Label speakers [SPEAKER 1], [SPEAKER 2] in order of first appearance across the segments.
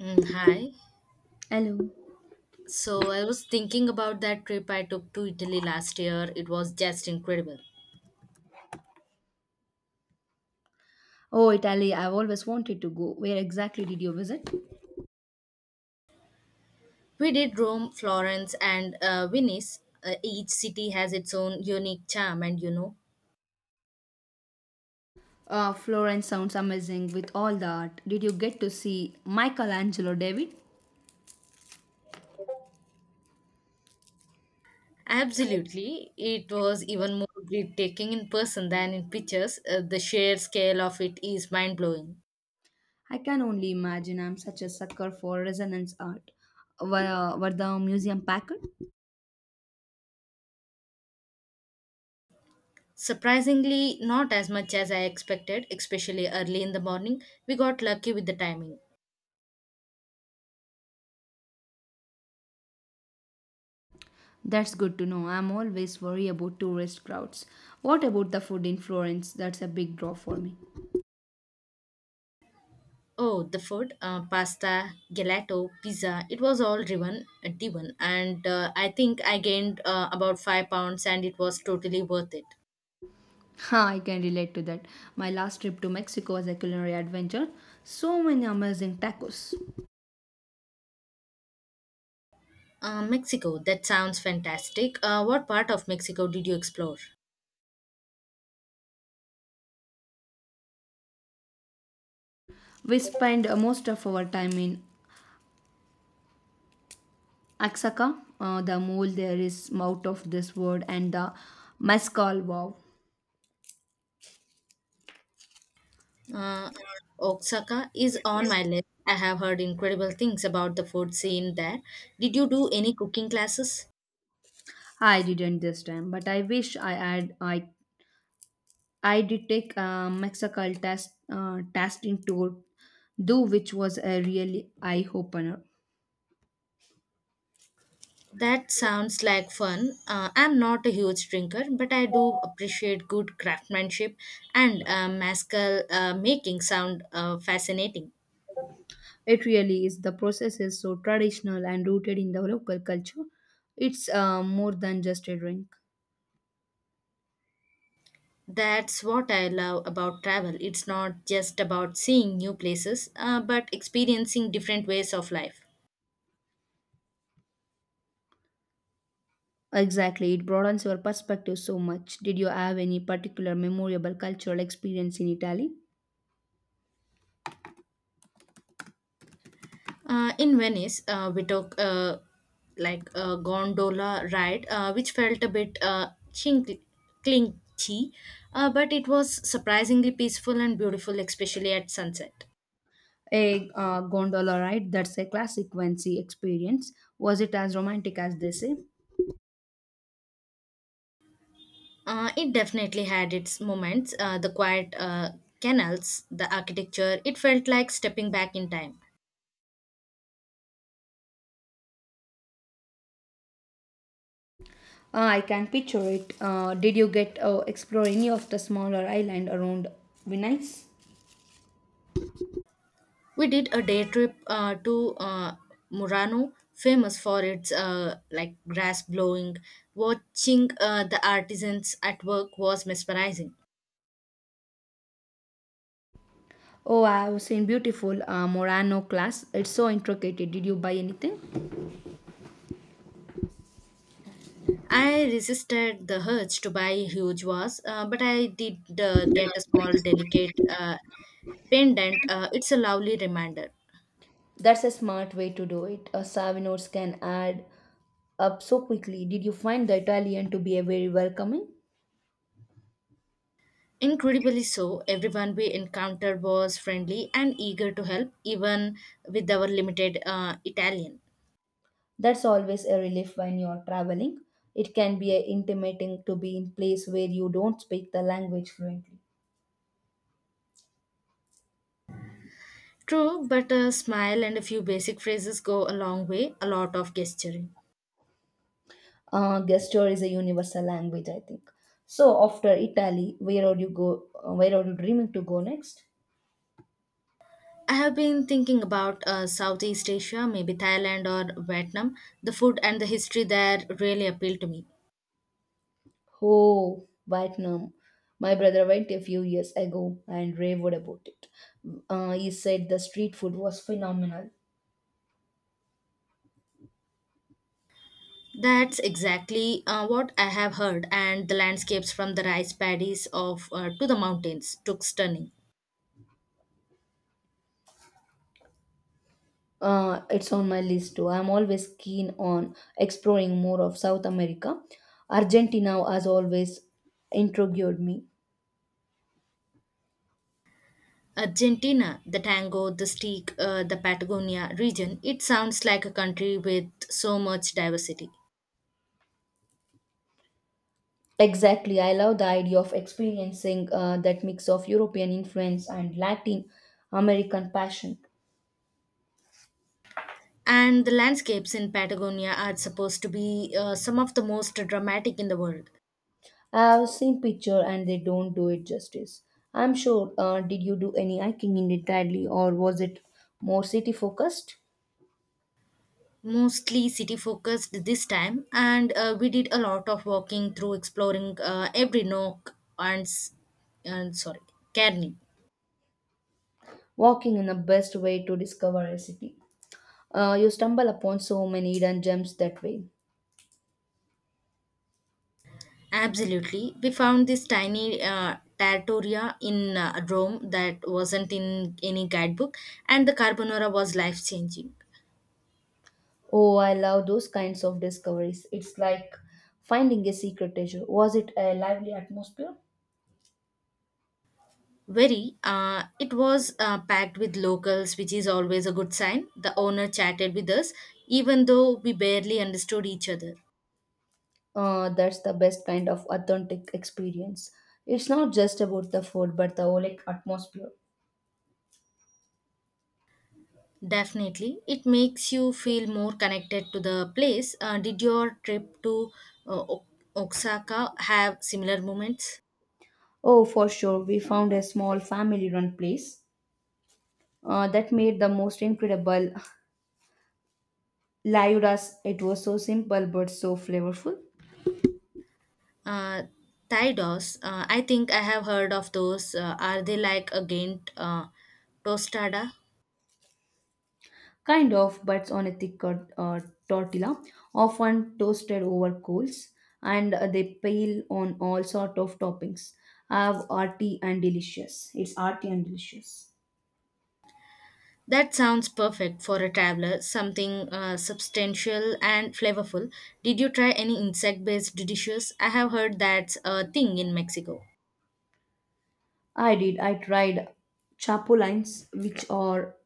[SPEAKER 1] Hi.
[SPEAKER 2] Hello.
[SPEAKER 1] So I was thinking about that trip I took to Italy last year. It was just incredible.
[SPEAKER 2] Oh, Italy, I've always wanted to go. Where exactly did you visit?
[SPEAKER 1] We did Rome, Florence, and Venice. Each city has its own unique charm, and
[SPEAKER 2] Florence sounds amazing with all the art. Did you get to see Michelangelo David?
[SPEAKER 1] absolutely, it was even more breathtaking in person than in pictures. The sheer scale of it is mind blowing.
[SPEAKER 2] I can only imagine. I'm such a sucker for resonance art. Were the museum packed?
[SPEAKER 1] Surprisingly, not as much as I expected, especially early in the morning. We got lucky with the timing.
[SPEAKER 2] That's good to know. I'm always worried about tourist crowds. What about the food in Florence? That's a big draw for me.
[SPEAKER 1] Oh, the food, pasta, gelato, pizza, it was all driven, driven. And I think I gained about 5 pounds, and it was totally worth it.
[SPEAKER 2] Ha, I can relate to that. My last trip to Mexico was a culinary adventure. So many amazing tacos.
[SPEAKER 1] Mexico, that sounds fantastic. What part of Mexico did you explore?
[SPEAKER 2] We spend most of our time in Axaca. The mole there is out of this world, and the mezcal, wow.
[SPEAKER 1] Uh, Oaxaca is on my list. I have heard incredible things about the food scene there. Did you do any cooking classes?
[SPEAKER 2] I didn't this time, but I wish I had. I did take a mezcal testing tour, though, which was a really eye opener.
[SPEAKER 1] That sounds like fun. I'm not a huge drinker, but I do appreciate good craftsmanship and mezcal making sound fascinating.
[SPEAKER 2] It really is. The process is so traditional and rooted in the local culture. It's more than just a drink.
[SPEAKER 1] That's what I love about travel. It's not just about seeing new places, but experiencing different ways of life.
[SPEAKER 2] Exactly, it broadens your perspective so much. Did you have any particular memorable cultural experience in Italy?
[SPEAKER 1] In Venice, we took like a gondola ride, which felt a bit clinchy, but it was surprisingly peaceful and beautiful, especially at sunset.
[SPEAKER 2] A gondola ride, that's a classic Vinci experience. Was it as romantic as they say?
[SPEAKER 1] It definitely had its moments, the quiet canals, the architecture, it felt like stepping back in time.
[SPEAKER 2] I can picture it. Did you get explore any of the smaller island around Venice?
[SPEAKER 1] We did a day trip to Murano, famous for its like grass blowing. Watching the artisans at work was mesmerizing.
[SPEAKER 2] Oh, I have seen beautiful Morano class. It's so intricate. Did you buy anything?
[SPEAKER 1] I resisted the urge to buy huge vase, but I did get a small delicate pendant. It's a lovely reminder.
[SPEAKER 2] That's a smart way to do it. A savvy can add up so quickly. Did you find the Italian to be a very welcoming?
[SPEAKER 1] Incredibly so, everyone we encountered was friendly and eager to help, even with our limited Italian.
[SPEAKER 2] That's always a relief when you're traveling. It can be a intimating to be in place where you don't speak the language fluently.
[SPEAKER 1] True, but a smile and a few basic phrases go a long way, a lot of gesturing.
[SPEAKER 2] Gesture is a universal language, I think. So after Italy, where are you go? Where are you dreaming to go next?
[SPEAKER 1] I have been thinking about Southeast Asia, maybe Thailand or Vietnam. The food and the history there really appeal to me.
[SPEAKER 2] Oh, Vietnam. My brother went a few years ago and raved about it. He said the street food was phenomenal.
[SPEAKER 1] That's exactly what I have heard, and the landscapes from the rice paddies of to the mountains took stunning.
[SPEAKER 2] It's on my list too. I'm always keen on exploring more of South America. Argentina has always intrigued me.
[SPEAKER 1] Argentina, the tango, the steak, the Patagonia region, it sounds like a country with so much diversity.
[SPEAKER 2] Exactly. I love the idea of experiencing that mix of European influence and Latin American passion.
[SPEAKER 1] And the landscapes in Patagonia are supposed to be some of the most dramatic in the world.
[SPEAKER 2] I've seen picture and they don't do it justice, I'm sure. Did you do any hiking in Italy, or was it more city focused?
[SPEAKER 1] Mostly city focused this time, and we did a lot of walking through exploring every nook and, and sorry, Carni.
[SPEAKER 2] Walking in the best way to discover a city. You stumble upon so many hidden gems that way.
[SPEAKER 1] Absolutely. We found this tiny trattoria in Rome that wasn't in any guidebook, and the carbonara was life changing.
[SPEAKER 2] Oh, I love those kinds of discoveries. It's like finding a secret treasure. Was it a lively atmosphere?
[SPEAKER 1] Very. It was packed with locals, which is always a good sign. The owner chatted with us, even though we barely understood each other.
[SPEAKER 2] That's the best kind of authentic experience. It's not just about the food, but the whole, like, atmosphere.
[SPEAKER 1] Definitely. It makes you feel more connected to the place. Did your trip to uh, Ok- Osaka have similar moments?
[SPEAKER 2] Oh, for sure. We found a small family run place that made the most incredible layudas. It was so simple but so flavorful.
[SPEAKER 1] Uh, Thai dolls, I think I have heard of those. Are they like a Ghent tostada?
[SPEAKER 2] Kind of, but on a thicker tortilla, often toasted over coals, and they pile on all sort of toppings. Have arty and delicious. It's arty and delicious.
[SPEAKER 1] That sounds perfect for a traveler, something substantial and flavorful. Did you try any insect based dishes? I have heard that's a thing in Mexico.
[SPEAKER 2] I did. I tried chapulines, which are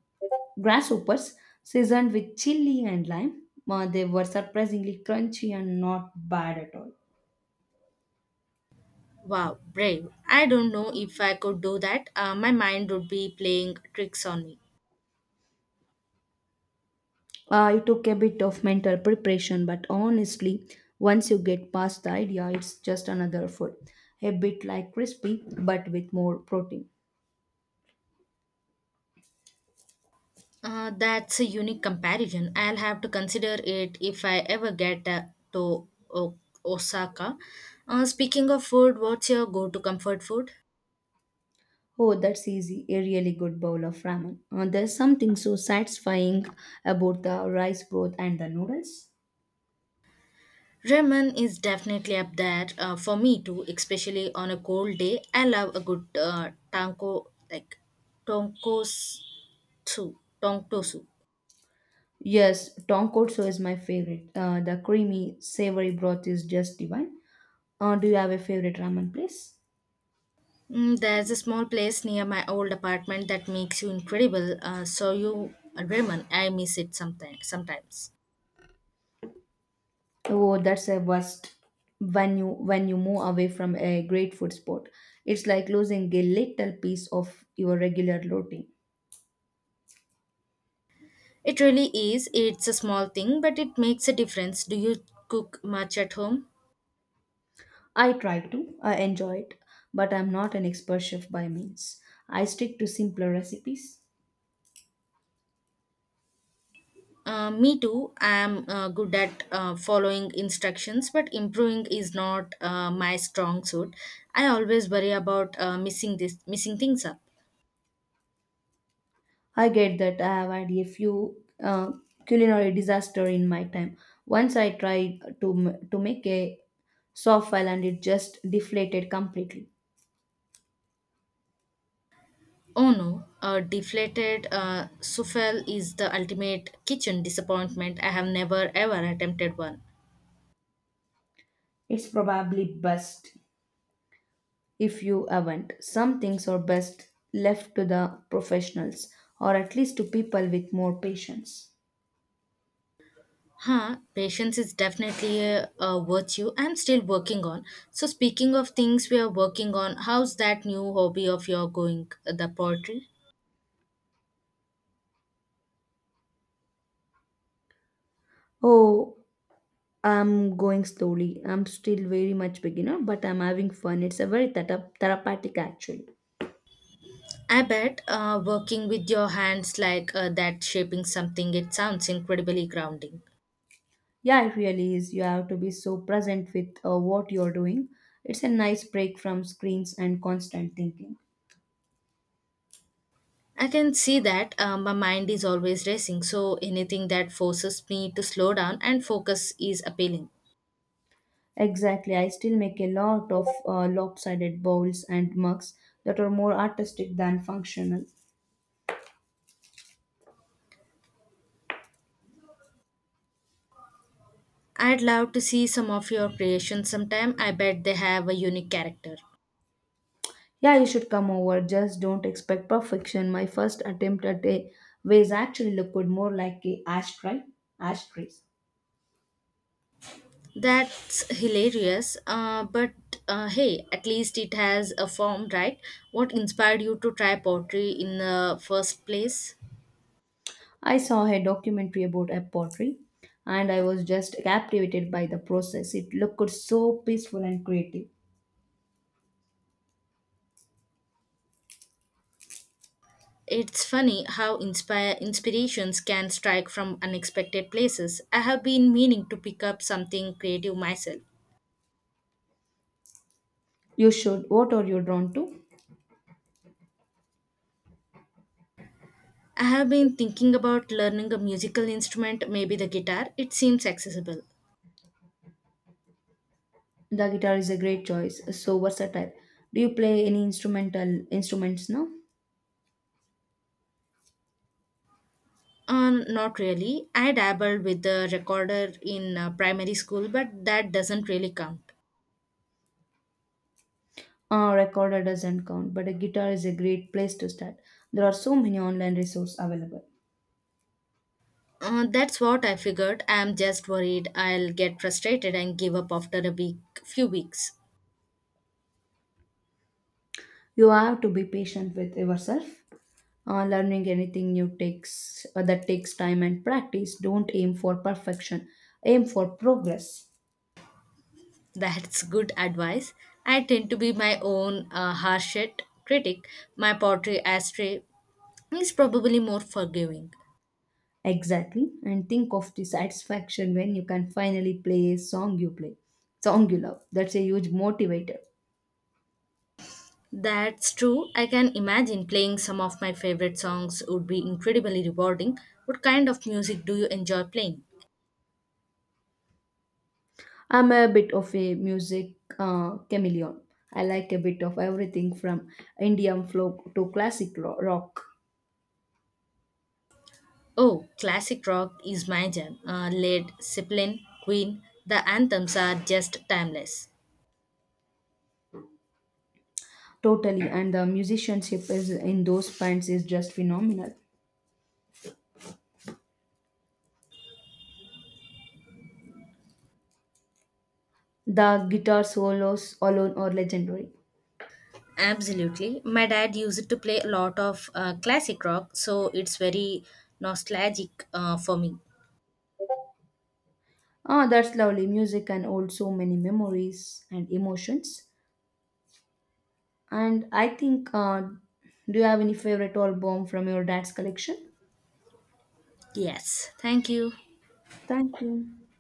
[SPEAKER 2] grasshoppers seasoned with chili and lime. They were surprisingly crunchy and not bad at all.
[SPEAKER 1] Wow, brave. I don't know if I could do that. My mind would be playing tricks on me.
[SPEAKER 2] It took a bit of mental preparation, but honestly, once you get past the idea, it's just another food. A bit like crispy, but with more protein.
[SPEAKER 1] That's a unique comparison. I'll have to consider it if I ever get to O- Osaka. Speaking of food, what's your go to comfort food?
[SPEAKER 2] Oh, that's easy. A really good bowl of ramen. There's something so satisfying about the rice broth and the noodles.
[SPEAKER 1] Ramen is definitely up there for me too, especially on a cold day. I love a good tanko like tonkotsu, tonkotsu.
[SPEAKER 2] Yes, tonkotsu is my favorite. The creamy, savory broth is just divine. Do you have a favorite ramen place?
[SPEAKER 1] Mm, there's a small place near my old apartment that makes you incredible. So you ramen, I miss it sometimes. Sometimes
[SPEAKER 2] Oh, that's a worst. When you move away from a great food spot, it's like losing a little piece of your regular routine.
[SPEAKER 1] it really is. It's a small thing, but it makes a difference. Do you cook much at home?
[SPEAKER 2] I try to, I enjoy it, but I'm not an expert chef by means. I stick to simpler recipes.
[SPEAKER 1] Me too. I'm good at following instructions, but improving is not my strong suit. I always worry about missing things up.
[SPEAKER 2] I get that. I have had a few uh, culinary disaster in my time. Once I tried to make a softball and it just deflated completely.
[SPEAKER 1] Oh no, a deflated souffle is the ultimate kitchen disappointment. I have never ever attempted one.
[SPEAKER 2] It's probably best if you haven't. Some things are best left to the professionals, or at least to people with more patience.
[SPEAKER 1] Huh, patience is definitely a virtue I'm still working on. So, speaking of things we are working on, how's that new hobby of your going, the poetry?
[SPEAKER 2] Oh, I'm going slowly. I'm still very much beginner, but I'm having fun. It's a very therapeutic actually.
[SPEAKER 1] I bet working with your hands like that, shaping something, it sounds incredibly grounding.
[SPEAKER 2] Yeah, it really is. You have to be so present with what you're doing. It's a nice break from screens and constant thinking.
[SPEAKER 1] I can see that my mind is always racing, so anything that forces me to slow down and focus is appealing.
[SPEAKER 2] Exactly. I still make a lot of lopsided bowls and mugs that are more artistic than functional.
[SPEAKER 1] I'd love to see some of your creations sometime. I bet they have a unique character.
[SPEAKER 2] Yeah, you should come over. Just don't expect perfection. My first attempt at a vase actually looked more like a ashtray. Ashtrays.
[SPEAKER 1] That's hilarious, but hey, at least it has a form, right? What inspired you to try poetry in the first place?
[SPEAKER 2] I saw a documentary about a pottery and I was just captivated by the process. It looked so peaceful and creative.
[SPEAKER 1] It's funny how inspire inspirations can strike from unexpected places. I have been meaning to pick up something creative myself.
[SPEAKER 2] You should. What are you drawn to?
[SPEAKER 1] I have been thinking about learning a musical instrument, maybe the guitar. It seems accessible.
[SPEAKER 2] The guitar is a great choice. So versatile. Do you play any instrumental instruments now?
[SPEAKER 1] Not really. I dabbled with the recorder in primary school, but that doesn't really count.
[SPEAKER 2] Recorder doesn't count, but a guitar is a great place to start. There are so many online resources available.
[SPEAKER 1] That's what I figured. I'm just worried I'll get frustrated and give up after few weeks.
[SPEAKER 2] You have to be patient with yourself. Learning anything new takes that takes time and practice. Don't aim for perfection. Aim for progress.
[SPEAKER 1] That's good advice. I tend to be my own harshest critic. My pottery ashtray is probably more forgiving.
[SPEAKER 2] Exactly. And think of the satisfaction when you can finally play a song you play, song you love. That's a huge motivator.
[SPEAKER 1] That's true. I can imagine playing some of my favorite songs would be incredibly rewarding. What kind of music do you enjoy playing?
[SPEAKER 2] I'm a bit of a music chameleon. I like a bit of everything from Indian folk to classic rock.
[SPEAKER 1] Oh, classic rock is my jam. Led Zeppelin, Queen, the anthems are just timeless.
[SPEAKER 2] Totally. And the musicianship is in those bands is just phenomenal. The guitar solos alone are legendary.
[SPEAKER 1] Absolutely. My dad used to play a lot of classic rock, so it's very nostalgic for me.
[SPEAKER 2] Ah, that's lovely. Music can hold so many memories and emotions. And I think, do you have any favorite album from your dad's collection?
[SPEAKER 1] Yes. Thank you.
[SPEAKER 2] Thank you.